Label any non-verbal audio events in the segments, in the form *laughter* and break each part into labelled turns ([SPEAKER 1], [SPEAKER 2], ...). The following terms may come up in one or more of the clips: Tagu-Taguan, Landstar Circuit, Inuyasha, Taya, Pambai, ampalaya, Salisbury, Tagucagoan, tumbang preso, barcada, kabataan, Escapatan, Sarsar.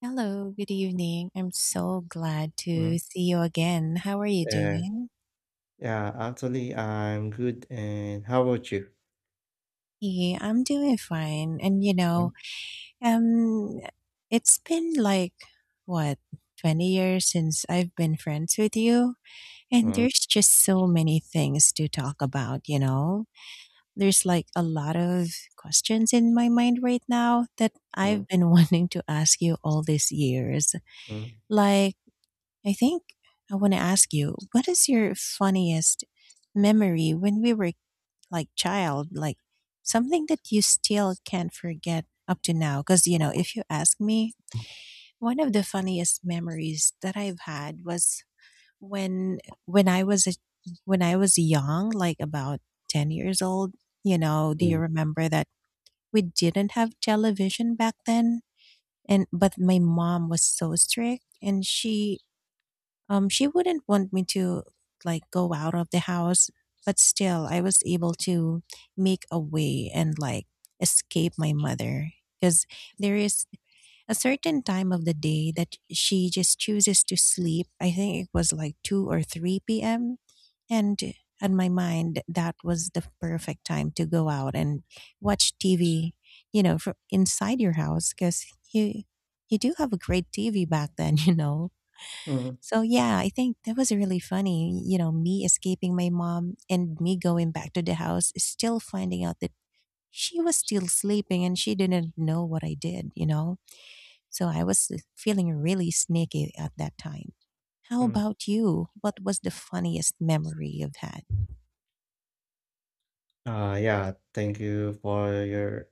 [SPEAKER 1] Hello, good evening. I'm so glad
[SPEAKER 2] Mhm.
[SPEAKER 1] to see you again. How are you
[SPEAKER 2] Yeah.
[SPEAKER 1] doing?
[SPEAKER 2] Yeah, actually, I'm good, and how about you?
[SPEAKER 1] Yeah, I'm doing fine. And you know,
[SPEAKER 2] Mm,
[SPEAKER 1] um, it's been like what, 20 years since I've been friends with you, and
[SPEAKER 2] mm,
[SPEAKER 1] there's just so many things to talk about, you know? There's like a lot of questions in my mind right now that I've
[SPEAKER 2] mm,
[SPEAKER 1] been *laughs* wanting to ask you all these years.
[SPEAKER 2] mm,
[SPEAKER 1] Like, I think I want to ask you, what is your funniest memory when we were like child, like something that you still can't forget up to now? Because, you know, if you ask me, one of the funniest memories that I've had was when when I was a, when I was young, like about 10 years old. You know, do you
[SPEAKER 2] mm,
[SPEAKER 1] remember that we didn't have television back then? And but my mom was so strict and she wouldn't want me to like go out of the house, but still, I was able to make a way and like escape my mother because there is a certain time of the day that she just chooses to sleep. I think it was like 2 or 3 p.m. And on my mind, that was the perfect time to go out and watch TV, you know, from inside your house because you, you do have a great TV back then, *laughs* you know.
[SPEAKER 2] mm,
[SPEAKER 1] So yeah, I think that was really funny. You know, me escaping my mom and me going back to the house, still finding out that she was still sleeping and she didn't know what I did, you know? So I was feeling really sneaky at that time. How
[SPEAKER 2] mm.
[SPEAKER 1] about you? What was the funniest memory you've had?
[SPEAKER 2] Yeah, thank you for your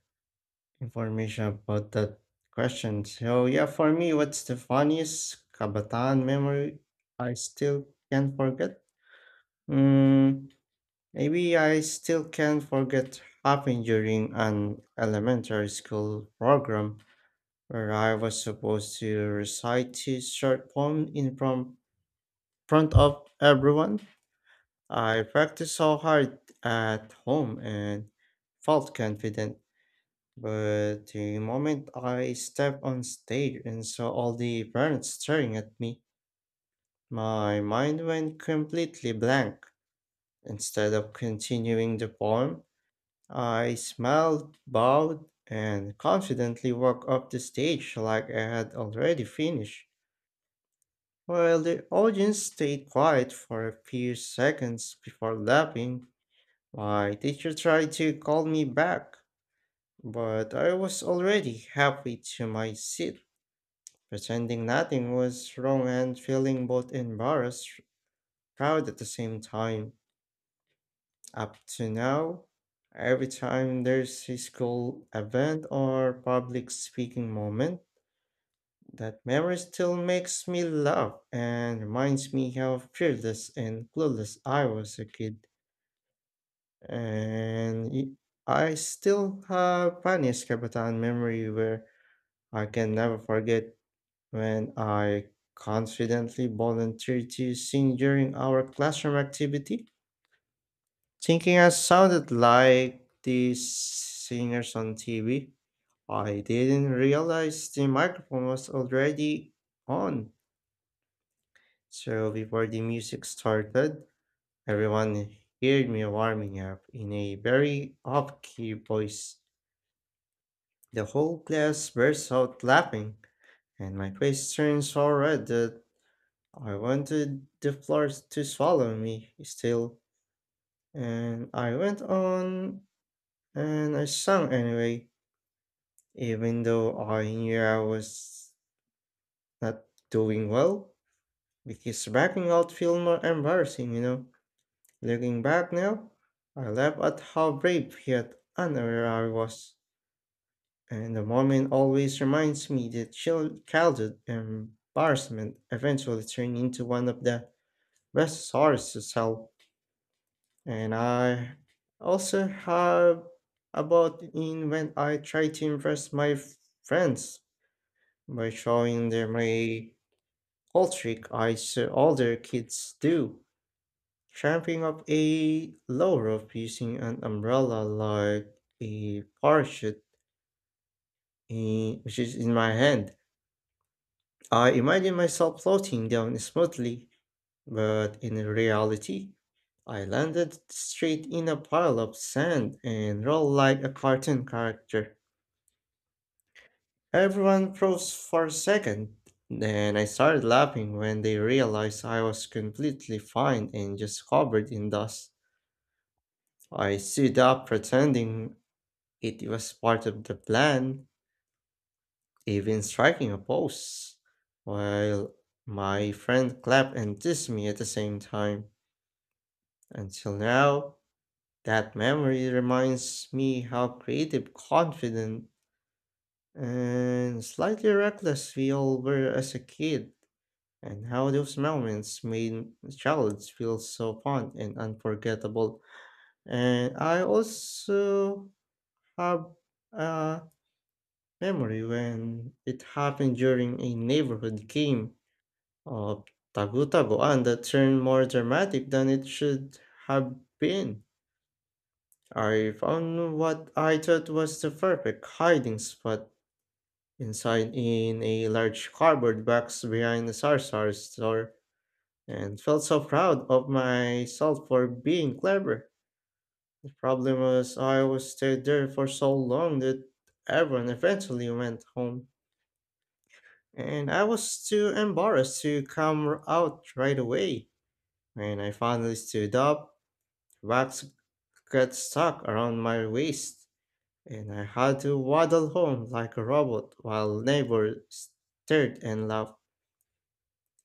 [SPEAKER 2] information about that question. So, yeah, for me, what's the funniest kabataan memory I still can't forget? Mm, Maybe I still can't forget happened during an elementary school program, where I was supposed to recite his short poem in from front of everyone. I practiced so hard at home and felt confident, but the moment I stepped on stage and saw all the parents staring at me, my mind went completely blank. Instead of continuing the poem, I smiled, bowed, and confidently walked up the stage like I had already finished. Well, the audience stayed quiet for a few seconds before laughing. My teacher tried to call me back, but I was already halfway to my seat, pretending nothing was wrong and feeling both embarrassed proud at the same time. Up to now, every time there's a school event or public speaking moment, that memory still makes me laugh and reminds me how fearless and clueless I was a kid. And y- I still have funny Escapatan memory where I can never forget when I confidently volunteered to sing during our classroom activity, thinking I sounded like the singers on TV. I didn't realize the microphone was already on. So before the music started, everyone heard me warming up in a very off-key voice. The whole class burst out laughing, and my face turned so red that I wanted the floor to swallow me still. And I went on and I sang anyway, even though I knew I was not doing well, because backing out feel more embarrassing, you know. Looking back now, I laugh at how brave yet unaware I was, and the moment always reminds me that childhood embarrassment eventually turned into one of the best stories to tell. And I also have about in when I try to impress my friends by showing them a old trick I saw older kids do. Tramping up a lower of using an umbrella like a parachute, eh, which is in my hand. I imagine myself floating down smoothly, but in reality, I landed straight in a pile of sand and rolled like a cartoon character. Everyone froze for a second, then I started laughing when they realized I was completely fine and just covered in dust. I stood up pretending it was part of the plan, even striking a pose, while my friend clapped and dissed me at the same time. Until now, that memory reminds me how creative, confident, and slightly reckless we all were as a kid, and how those moments made childhood feel so fun and unforgettable. And I also have. Uh, Memory when it happened during a neighborhood game of Tagu-Taguan that turned more dramatic than it should have been. I found what I thought was the perfect hiding spot inside in a large cardboard box behind the Sarsar store and felt so proud of myself for being clever. The problem was I was stayed there for so long that everyone eventually went home. And I was too embarrassed to out right away. When I finally stood up, wax got stuck around my waist, and I had to waddle home like a robot while neighbors stared and laughed.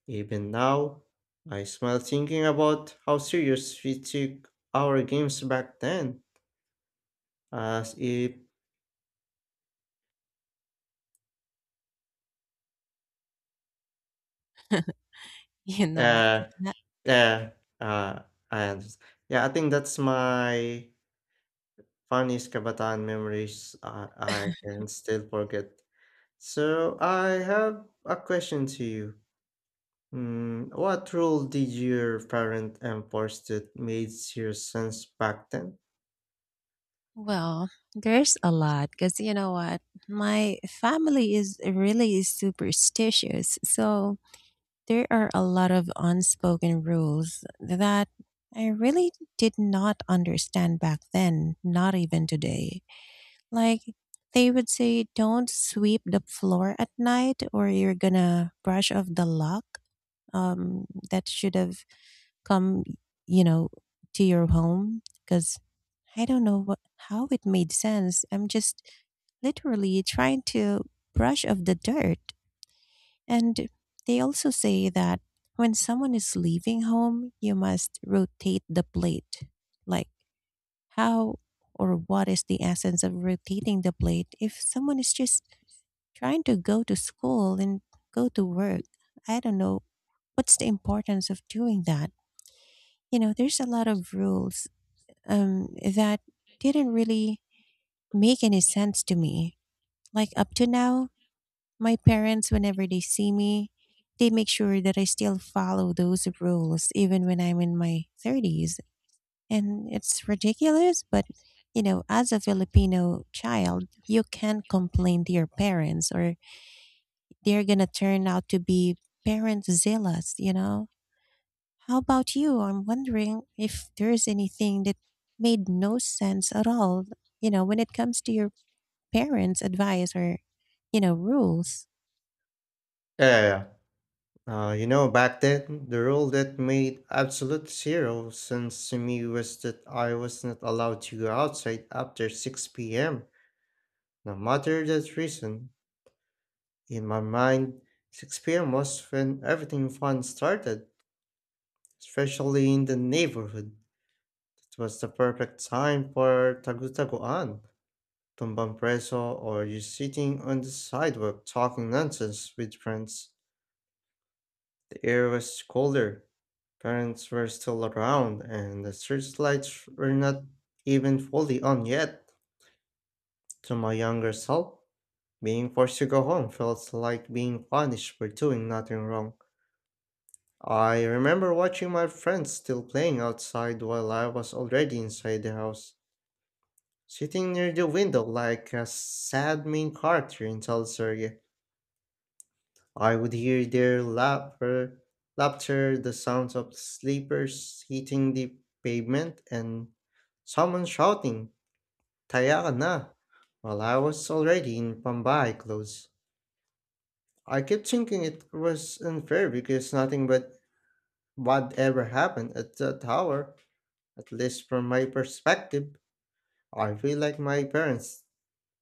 [SPEAKER 2] Even now, I smile thinking about how serious we took our games back then, as if,
[SPEAKER 1] *laughs* you know
[SPEAKER 2] uh,
[SPEAKER 1] that-
[SPEAKER 2] uh, uh, and yeah, I think that's my funniest kabataan memories I can still forget. So I have a question to you. What role did your parent enforce that made zero sense back then?
[SPEAKER 1] well, there's a lot because you know what, my family is really superstitious, so there are a lot of unspoken rules that I really did not understand back then, not even today. Like, they would say, don't sweep the floor at night or you're gonna brush off the lock, that should have come, you know, to your home. Because I don't know what, how it made sense. I'm just literally trying to brush off the dirt. And they also say that when someone is leaving home, you must rotate the plate. Like, how or what is the essence of rotating the plate if someone is just trying to go to school and go to work? I don't know. What's the importance of doing that? You know, there's a lot of rules that didn't really make any sense to me. Like, up to now, my parents, whenever they see me, they make sure that I still follow those rules even when I'm in my 30s. And it's ridiculous, but you know, as a Filipino child, you can't complain to your parents or they're going to turn out to be parent zealous, you know? How about you? I'm wondering if there's anything that made no sense at all, you know, when it comes to your parents' advice or, you know, rules.
[SPEAKER 2] Yeah, yeah. You know, back then, the rule that made absolute zero sense to me was that I was not allowed to go outside after 6 p.m. No matter the reason, in my mind, 6 p.m. was when everything fun started, especially in the neighborhood. It was the perfect time for Tagu-Taguan, tumbang preso, or just sitting on the sidewalk talking nonsense with friends. The air was colder, parents were still around, and the searchlights were not even fully on yet. To my younger self, being forced to go home felt like being punished for doing nothing wrong. I remember watching my friends still playing outside while I was already inside the house, sitting near the window like a sad main character in Salisbury. I would hear their laughter, laughter, the sounds of sleepers hitting the pavement, and someone shouting, Taya na! While I was already in Pambai clothes. I kept thinking it was unfair because nothing but what ever happened at the tower, at least from my perspective. I feel like my parents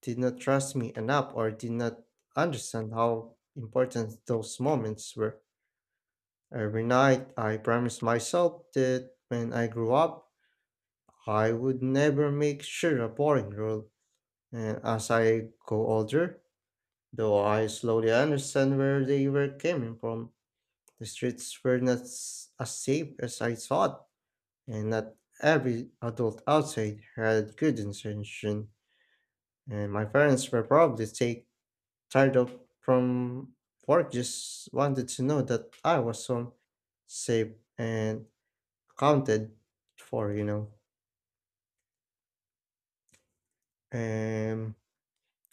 [SPEAKER 2] did not trust me enough or did not understand how important those moments were. Every night, I promised myself that when I grew up, I would never make sure a boring rule. And as I go older, though I slowly understand where they were coming from, the streets were not s- as safe as I thought, and not every adult outside had good intention. And my parents were probably taking tired up from work just wanted to know that I was home, safe and accounted for, you know. Um,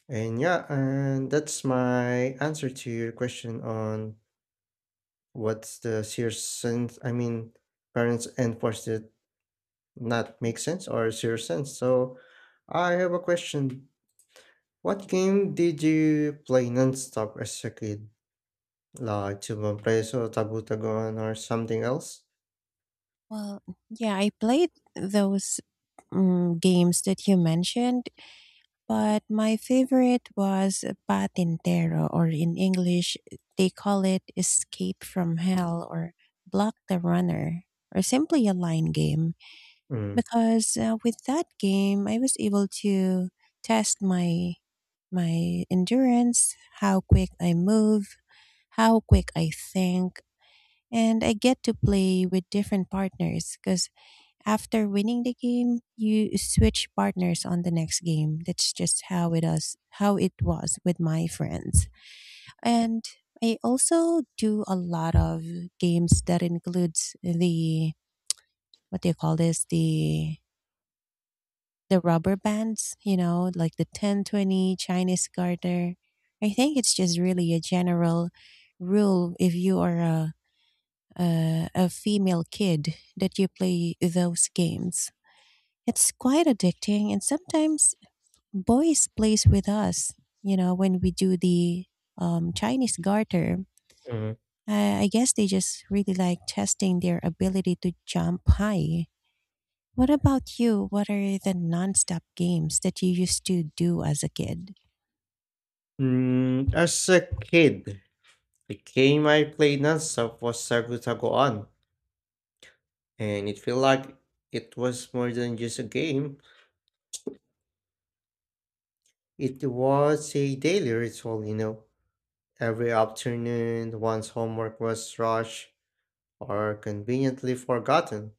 [SPEAKER 2] and yeah, and that's my answer to your question on what's the serious sense. I mean, parents enforced it not make sense or serious sense. So I have a question. What game did you play nonstop as a kid? Like Tubang Preso, Tabu Taguan, or something else?
[SPEAKER 1] Well, yeah, I played those games that you mentioned, but my favorite was Patintero, or in English, they call it Escape from Hell or Block the Runner, or simply a line game.
[SPEAKER 2] Mm.
[SPEAKER 1] Because with that game, I was able to test my endurance, how quick I move, how quick I think, and I get to play with different partners because after winning the game, you switch partners on the next game. That's just how it us how it was with my friends. And I also do a lot of games that includes the what do you call this the rubber bands, you know, like the 1020 Chinese garter. I think it's just really a general rule if you are a female kid that you play those games. It's quite addicting, and sometimes boys plays with us. You know, when we do the Chinese garter,
[SPEAKER 2] Mm.
[SPEAKER 1] I guess they just really like testing their ability to jump high. What about you? What are the nonstop games that you used to do as a kid?
[SPEAKER 2] As a kid, the game I played nonstop was Sagu and it felt like it was more than just a game. It was a daily ritual, you know. Every afternoon, once homework was rushed or conveniently forgotten,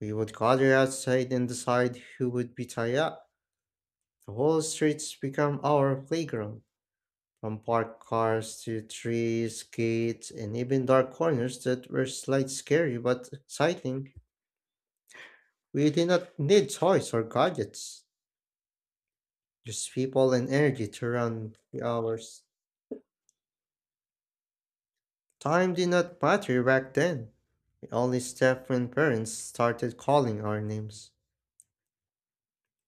[SPEAKER 2] we would gather outside and decide who would be tied up. The whole streets become our playground, from parked cars to trees, gates, and even dark corners that were slightly scary but exciting. We did not need toys or gadgets, just people and energy to run the hours. Time did not matter back then. We only stepped when parents started calling our names.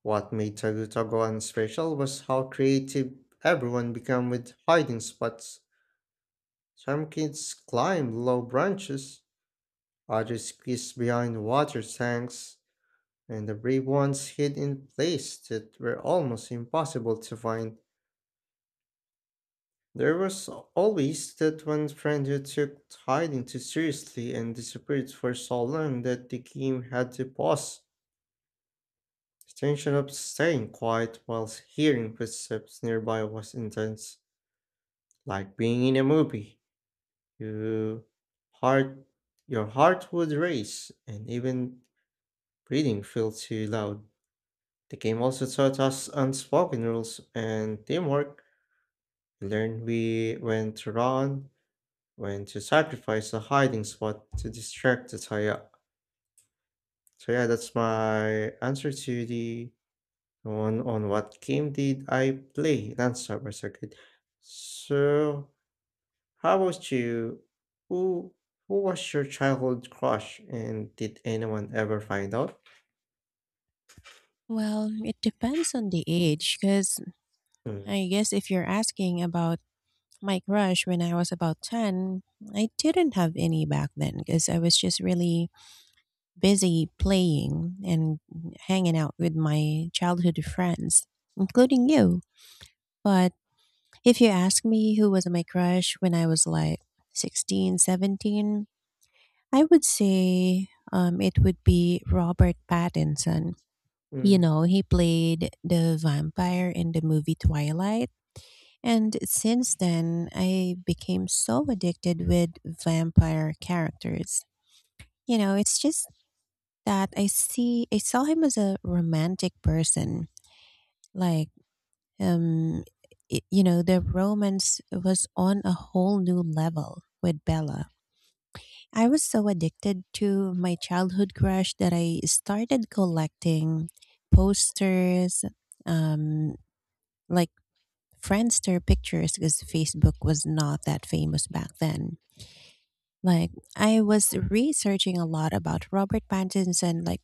[SPEAKER 2] What made Tagucagoan special was how creative everyone became with hiding spots. Some kids climbed low branches, others squeezed behind water tanks, and the brave ones hid in places that were almost impossible to find. There was always that one friend who took hiding too seriously and disappeared for so long that the game had to pause. The tension of staying quiet whilst hearing footsteps nearby was intense, like being in a movie. You heart, your heart would race, and even breathing felt too loud. The game also taught us unspoken rules and teamwork. Learn we when to run, when to sacrifice a hiding spot to distract the Taya. So yeah, that's my answer to the one on what game did I play? Landstar Circuit. So how about you? Who who was your childhood crush and did anyone ever find out?
[SPEAKER 1] Well, it depends on the age, because
[SPEAKER 2] Mm.
[SPEAKER 1] I guess if you're asking about my crush when I was about 10, I didn't have any back then because I was just really busy playing and hanging out with my childhood friends, including you. But if you ask me who was my crush when I was like 16, 17, I would say it would be Robert Pattinson. You
[SPEAKER 2] Mm.
[SPEAKER 1] know, he played the vampire in the movie Twilight. And since then, I became so addicted with vampire characters. You know, it's just that I saw him as a romantic person. Like um I you know, the romance was on a whole new level with Bella. I was so addicted to my childhood crush that I started collecting posters, um like Friendster pictures, because Facebook was not that famous back then. Like I was researching a lot about Robert Pattinson. Like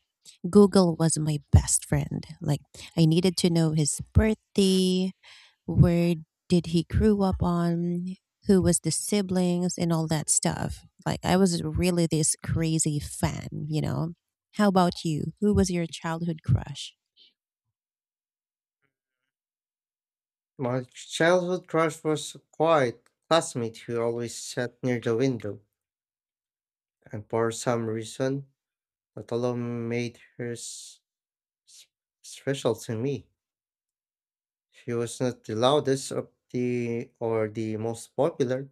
[SPEAKER 1] Google was my best friend. Like I needed to know his birthday, where did he grew up on, who was the siblings, and all that stuff. Like I was really this crazy fan. You know. How about you? Who was your childhood crush?
[SPEAKER 2] My childhood crush was a quiet classmate who always sat near the window, and for some reason that alone made her s- special to me. She was not the loudest of the or the most popular,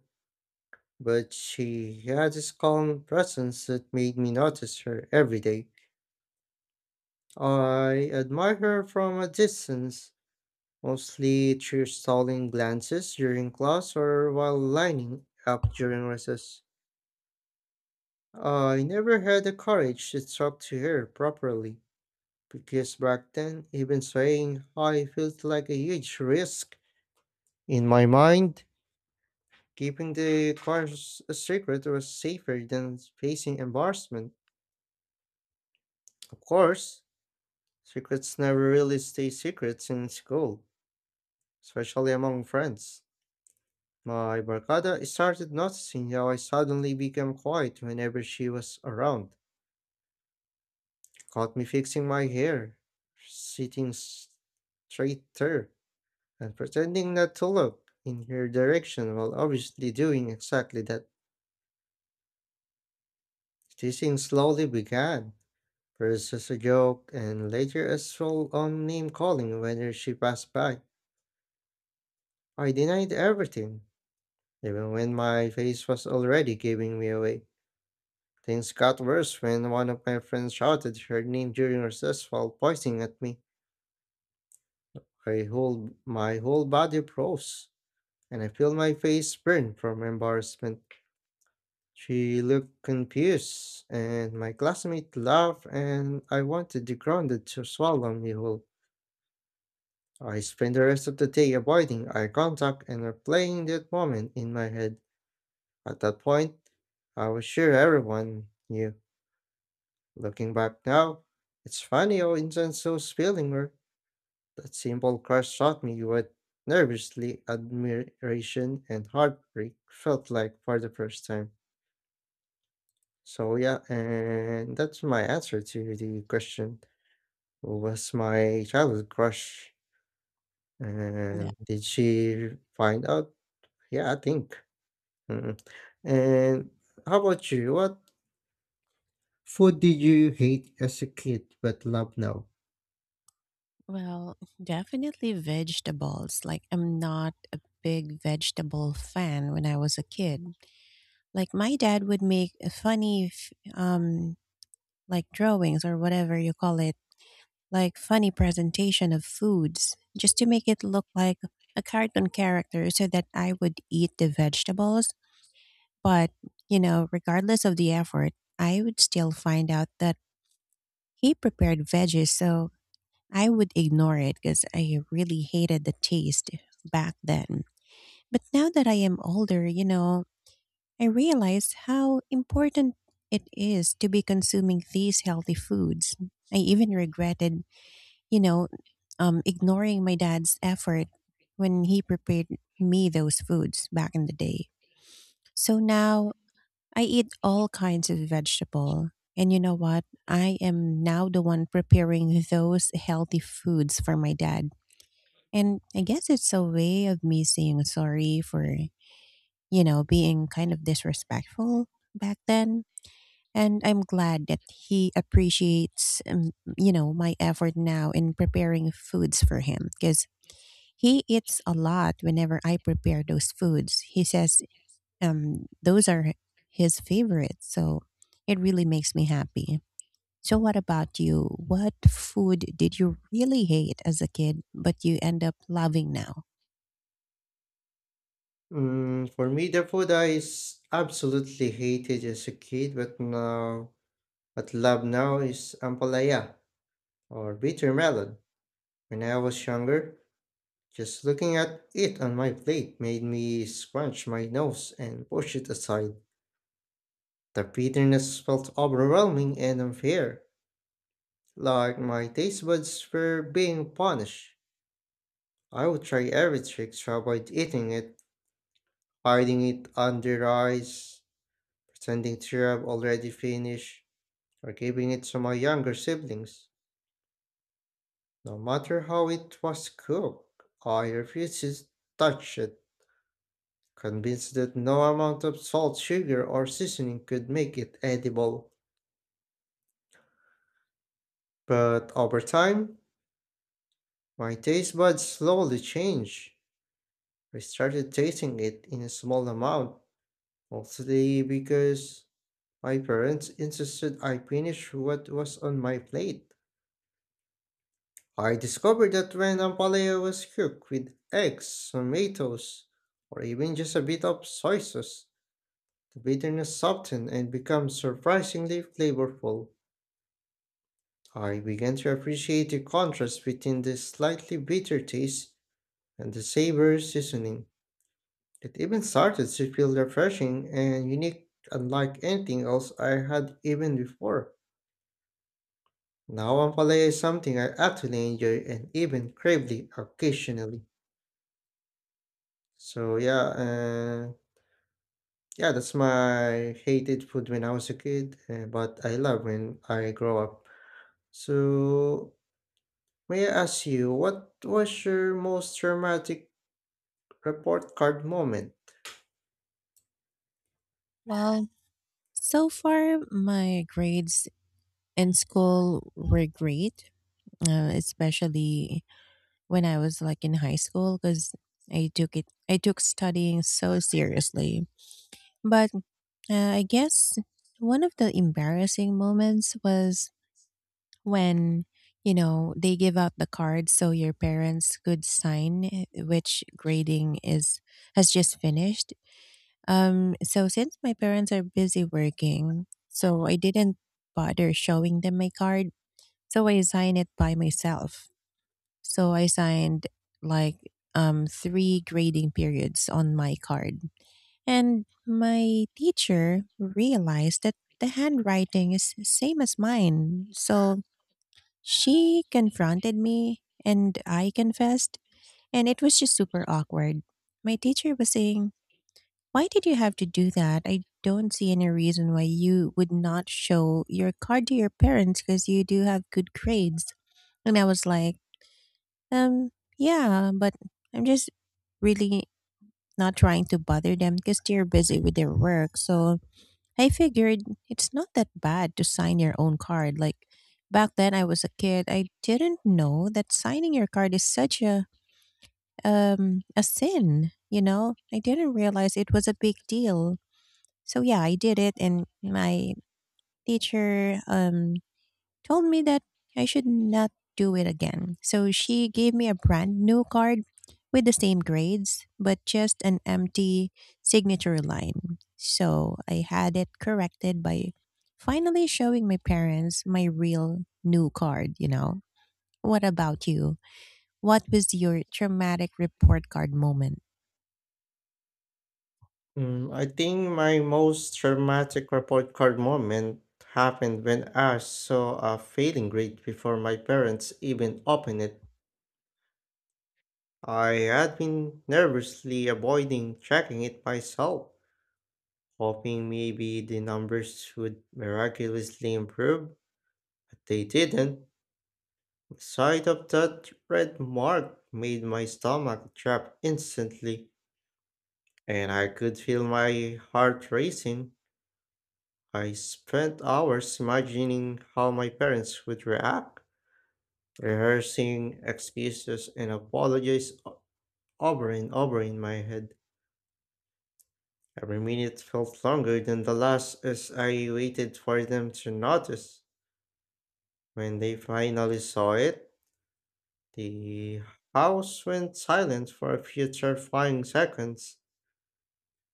[SPEAKER 2] but she had this calm presence that made me notice her every day. I admire her from a distance, mostly through stolen glances during class or while lining up during recess. I never had the courage to talk to her properly, because back then, even saying hi felt like a huge risk. In my mind, keeping the cars a secret was safer than facing embarrassment. Of course, secrets never really stay secrets in school, especially among friends. My barcada started noticing how I suddenly became quiet whenever she was around. Caught me fixing my hair, sitting straighter, and pretending not to look in her direction while obviously doing exactly that. Teasing slowly began, first as a joke and later as full on name calling whenever she passed by. I denied everything, even when my face was already giving me away. Things got worse when one of my friends shouted her name during recess while pointing at me. My whole body froze, and I feel my face burn from embarrassment. She looked confused, and my classmate laughed, and I wanted the grounded to swallow me whole. I spent the rest of the day avoiding eye contact and replaying that moment in my head. At that point, I was sure everyone knew. Looking back now, it's funny how intense those feelings were. That simple crush taught me what nervously admiration and heartbreak felt like for the first time. So yeah, and that's my answer to the question. Who was my childhood crush?
[SPEAKER 1] That,
[SPEAKER 2] And did she find out? Yeah, I think. Mm. And how about you? What food did you hate as a kid but love now?
[SPEAKER 1] well, definitely vegetables. Like I'm not a big vegetable fan when I was a kid. Like my dad would make a funny, like drawings or whatever you call it, like funny presentation of foods just to make it look like a cartoon character so that I would eat the vegetables. But, you know, regardless of the effort, I would still find out that he prepared veggies. So I would ignore it because I really hated the taste back then. But now that I am older, you know, I realized how important it is to be consuming these healthy foods. I even regretted, you know, ignoring my dad's effort when he prepared me those foods back in the day. So now I eat all kinds of vegetable. And you know what? I am now the one preparing those healthy foods for my dad. And I guess it's a way of me saying sorry for, you know, being kind of disrespectful back then, and I'm glad that he appreciates, you know, my effort now in preparing foods for him because he eats a lot whenever I prepare those foods. He says those are his favorites, so it really makes me happy. So, what about you? What food did you really hate as a kid, but you end up loving now?
[SPEAKER 2] Mm, for me, the food I absolutely hated as a kid, but love now is ampalaya or bitter melon. When I was younger, just looking at it on my plate made me scrunch my nose and push it aside. The bitterness felt overwhelming and unfair, like my taste buds were being punished. I would try every trick to avoid eating it, hiding it under ice, pretending to have already finished, or giving it to my younger siblings. No matter how it was cooked, I refused to touch it, convinced that no amount of salt, sugar, or seasoning could make it edible. But over time, my taste buds slowly changed. I started tasting it in a small amount, mostly because my parents insisted I finish what was on my plate. I discovered that when ampalaya was cooked with eggs, tomatoes, or even just a bit of soy sauce, the bitterness softened and became surprisingly flavorful. I began to appreciate the contrast between the slightly bitter taste and the savory seasoning. It even started to feel refreshing and unique, unlike anything else I had even before. Now ampalaya is something I actually enjoy and even crave it occasionally. So yeah, yeah, that's my hated food when I was a kid, but I love when I grow up. So may I ask you, what was your most traumatic report card moment?
[SPEAKER 1] Well, so far, my grades in school were great, especially when I was like in high school because I took studying so seriously. But I guess one of the embarrassing moments was when you know they give out the cards so your parents could sign eh, which grading is has just finished. So, since my parents are busy working, so I didn't bother showing them my card. So I signed it by myself. So I signed like three grading periods on my card. And my teacher realized that the handwriting is same as mine. So she confronted me and I confessed. And it was just super awkward. My teacher was saying, why did you have to do that? I don't see any reason why you would not show your card to your parents because you do have good grades. And I was like, um, yeah, but I'm just really not trying to bother them because they're busy with their work. So I figured it's not that bad to sign your own card. Like, back then I was a kid, I didn't know that signing your card is such a sin, you know? I didn't realize it was a big deal. So yeah, I did it and my teacher told me that I should not do it again. So she gave me a brand new card with the same grades, but just an empty signature line. So I had it corrected by finally showing my parents my real new card, you know. What about you? What was your traumatic report card moment?
[SPEAKER 2] Mm, I think my most traumatic report card moment happened when I saw a failing grade before my parents even opened it. I had been nervously avoiding checking it myself, hoping maybe the numbers would miraculously improve, but they didn't. The sight of that red mark made my stomach drop instantly, and I could feel my heart racing. I spent hours imagining how my parents would react, rehearsing excuses and apologies over and over in my head. Every minute felt longer than the last as I waited for them to notice. When they finally saw it, the house went silent for a few terrifying seconds.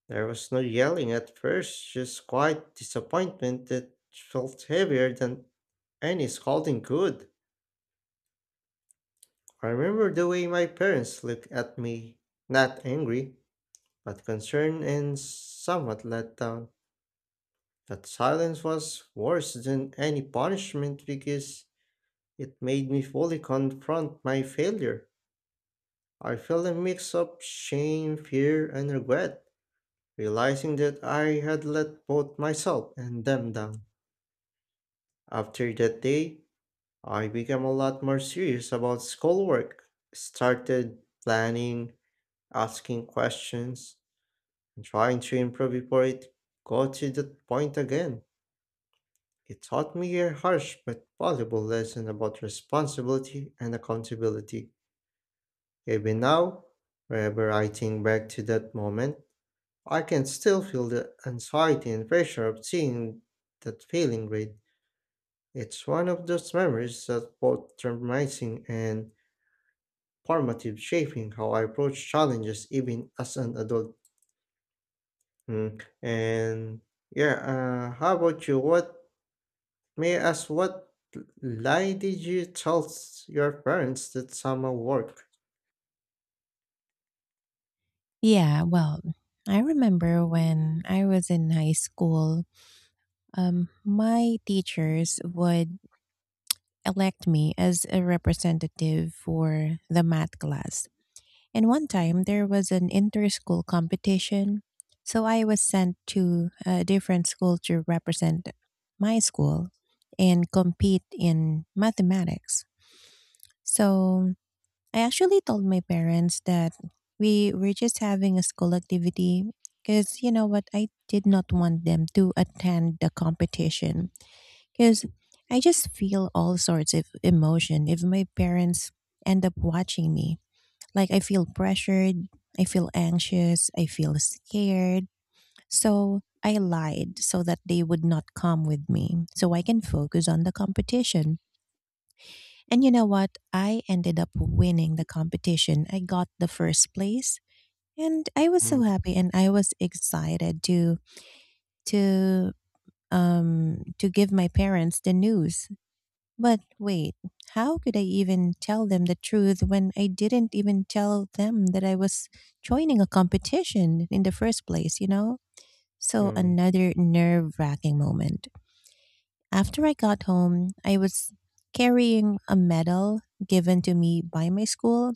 [SPEAKER 2] There was no yelling at first, just quiet disappointment that felt heavier than any scolding could. I remember the way my parents looked at me, not angry, but concerned and somewhat let down. That silence was worse than any punishment because it made me fully confront my failure. I felt a mix of shame, fear, and regret, realizing that I had let both myself and them down. After that day, I became a lot more serious about schoolwork, started planning, asking questions, and trying to improve before it got to that point again. It taught me a harsh but valuable lesson about responsibility and accountability. Even now, whenever I think back to that moment, I can still feel the anxiety and pressure of seeing that failing grade. It's one of those memories that both traumatizing and formative, shaping how I approach challenges even as an adult. Mm. And yeah, how about you? What May I ask what lie did you tell your parents that summer work?
[SPEAKER 1] Yeah, well, I remember when I was in high school, my teachers would elect me as a representative for the math class. And one time there was an inter school competition, so I was sent to a different school to represent my school and compete in mathematics. So I actually told my parents that we were just having a school activity because you know what, I did not want them to attend the competition because I just feel all sorts of emotion if my parents end up watching me. Like, I feel pressured, I feel anxious, I feel scared. So, I lied so that they would not come with me, so I can focus on the competition. And you know what? I ended up winning the competition. I got the first place, and I was so
[SPEAKER 2] Mm,
[SPEAKER 1] happy and I was excited to to to give my parents the news. But wait, how could I even tell them the truth when I didn't even tell them that I was joining a competition in the first place, you know? So,
[SPEAKER 2] mm,
[SPEAKER 1] another nerve wracking moment. After I got home, I was carrying a medal given to me by my school,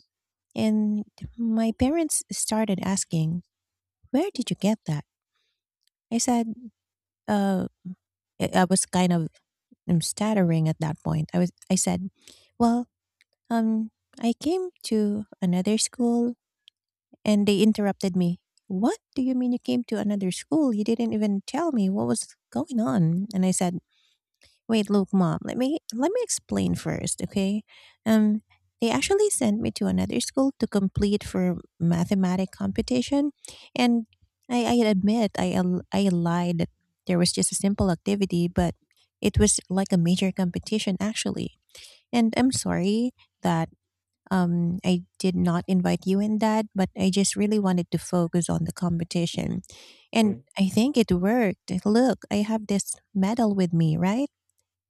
[SPEAKER 1] and my parents started asking, where did you get that? I said, uh, I was kind of stuttering at that point. I was, I said, well, Um, I came to another school, and they interrupted me. What do you mean you came to another school? You didn't even tell me what was going on. And I said, "Wait, look, mom. Let me explain first, okay? Um, they actually sent me to another school to complete for mathematic competition, and I admit I lied that there was just a simple activity, but it was like a major competition actually. And I'm sorry that I did not invite you in that, but I just really wanted to focus on the competition. And
[SPEAKER 2] mm.
[SPEAKER 1] I think it worked. Look, I have this medal with me, right?"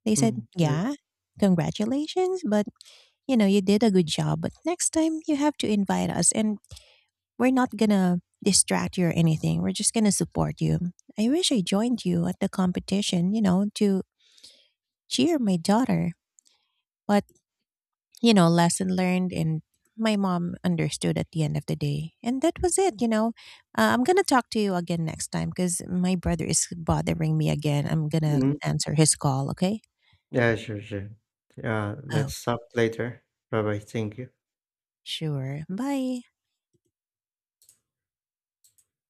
[SPEAKER 1] They said,
[SPEAKER 2] Mm, right.
[SPEAKER 1] yeah, congratulations, but you know, you did a good job. But next time you have to invite us, and we're not gonna distract you or anything. We're just gonna support you. I wish I joined you at the competition, you know, to cheer my daughter. But you know, lesson learned and my mom understood at the end of the day. And that was it, you know. I'm going to talk to you again next time because my brother is bothering me again. I'm going to
[SPEAKER 2] Mm.
[SPEAKER 1] answer his call, okay?
[SPEAKER 2] Yeah, sure, sure. Yeah,
[SPEAKER 1] Oh,
[SPEAKER 2] let's stop later. Bye bye. Thank you.
[SPEAKER 1] sure. Bye.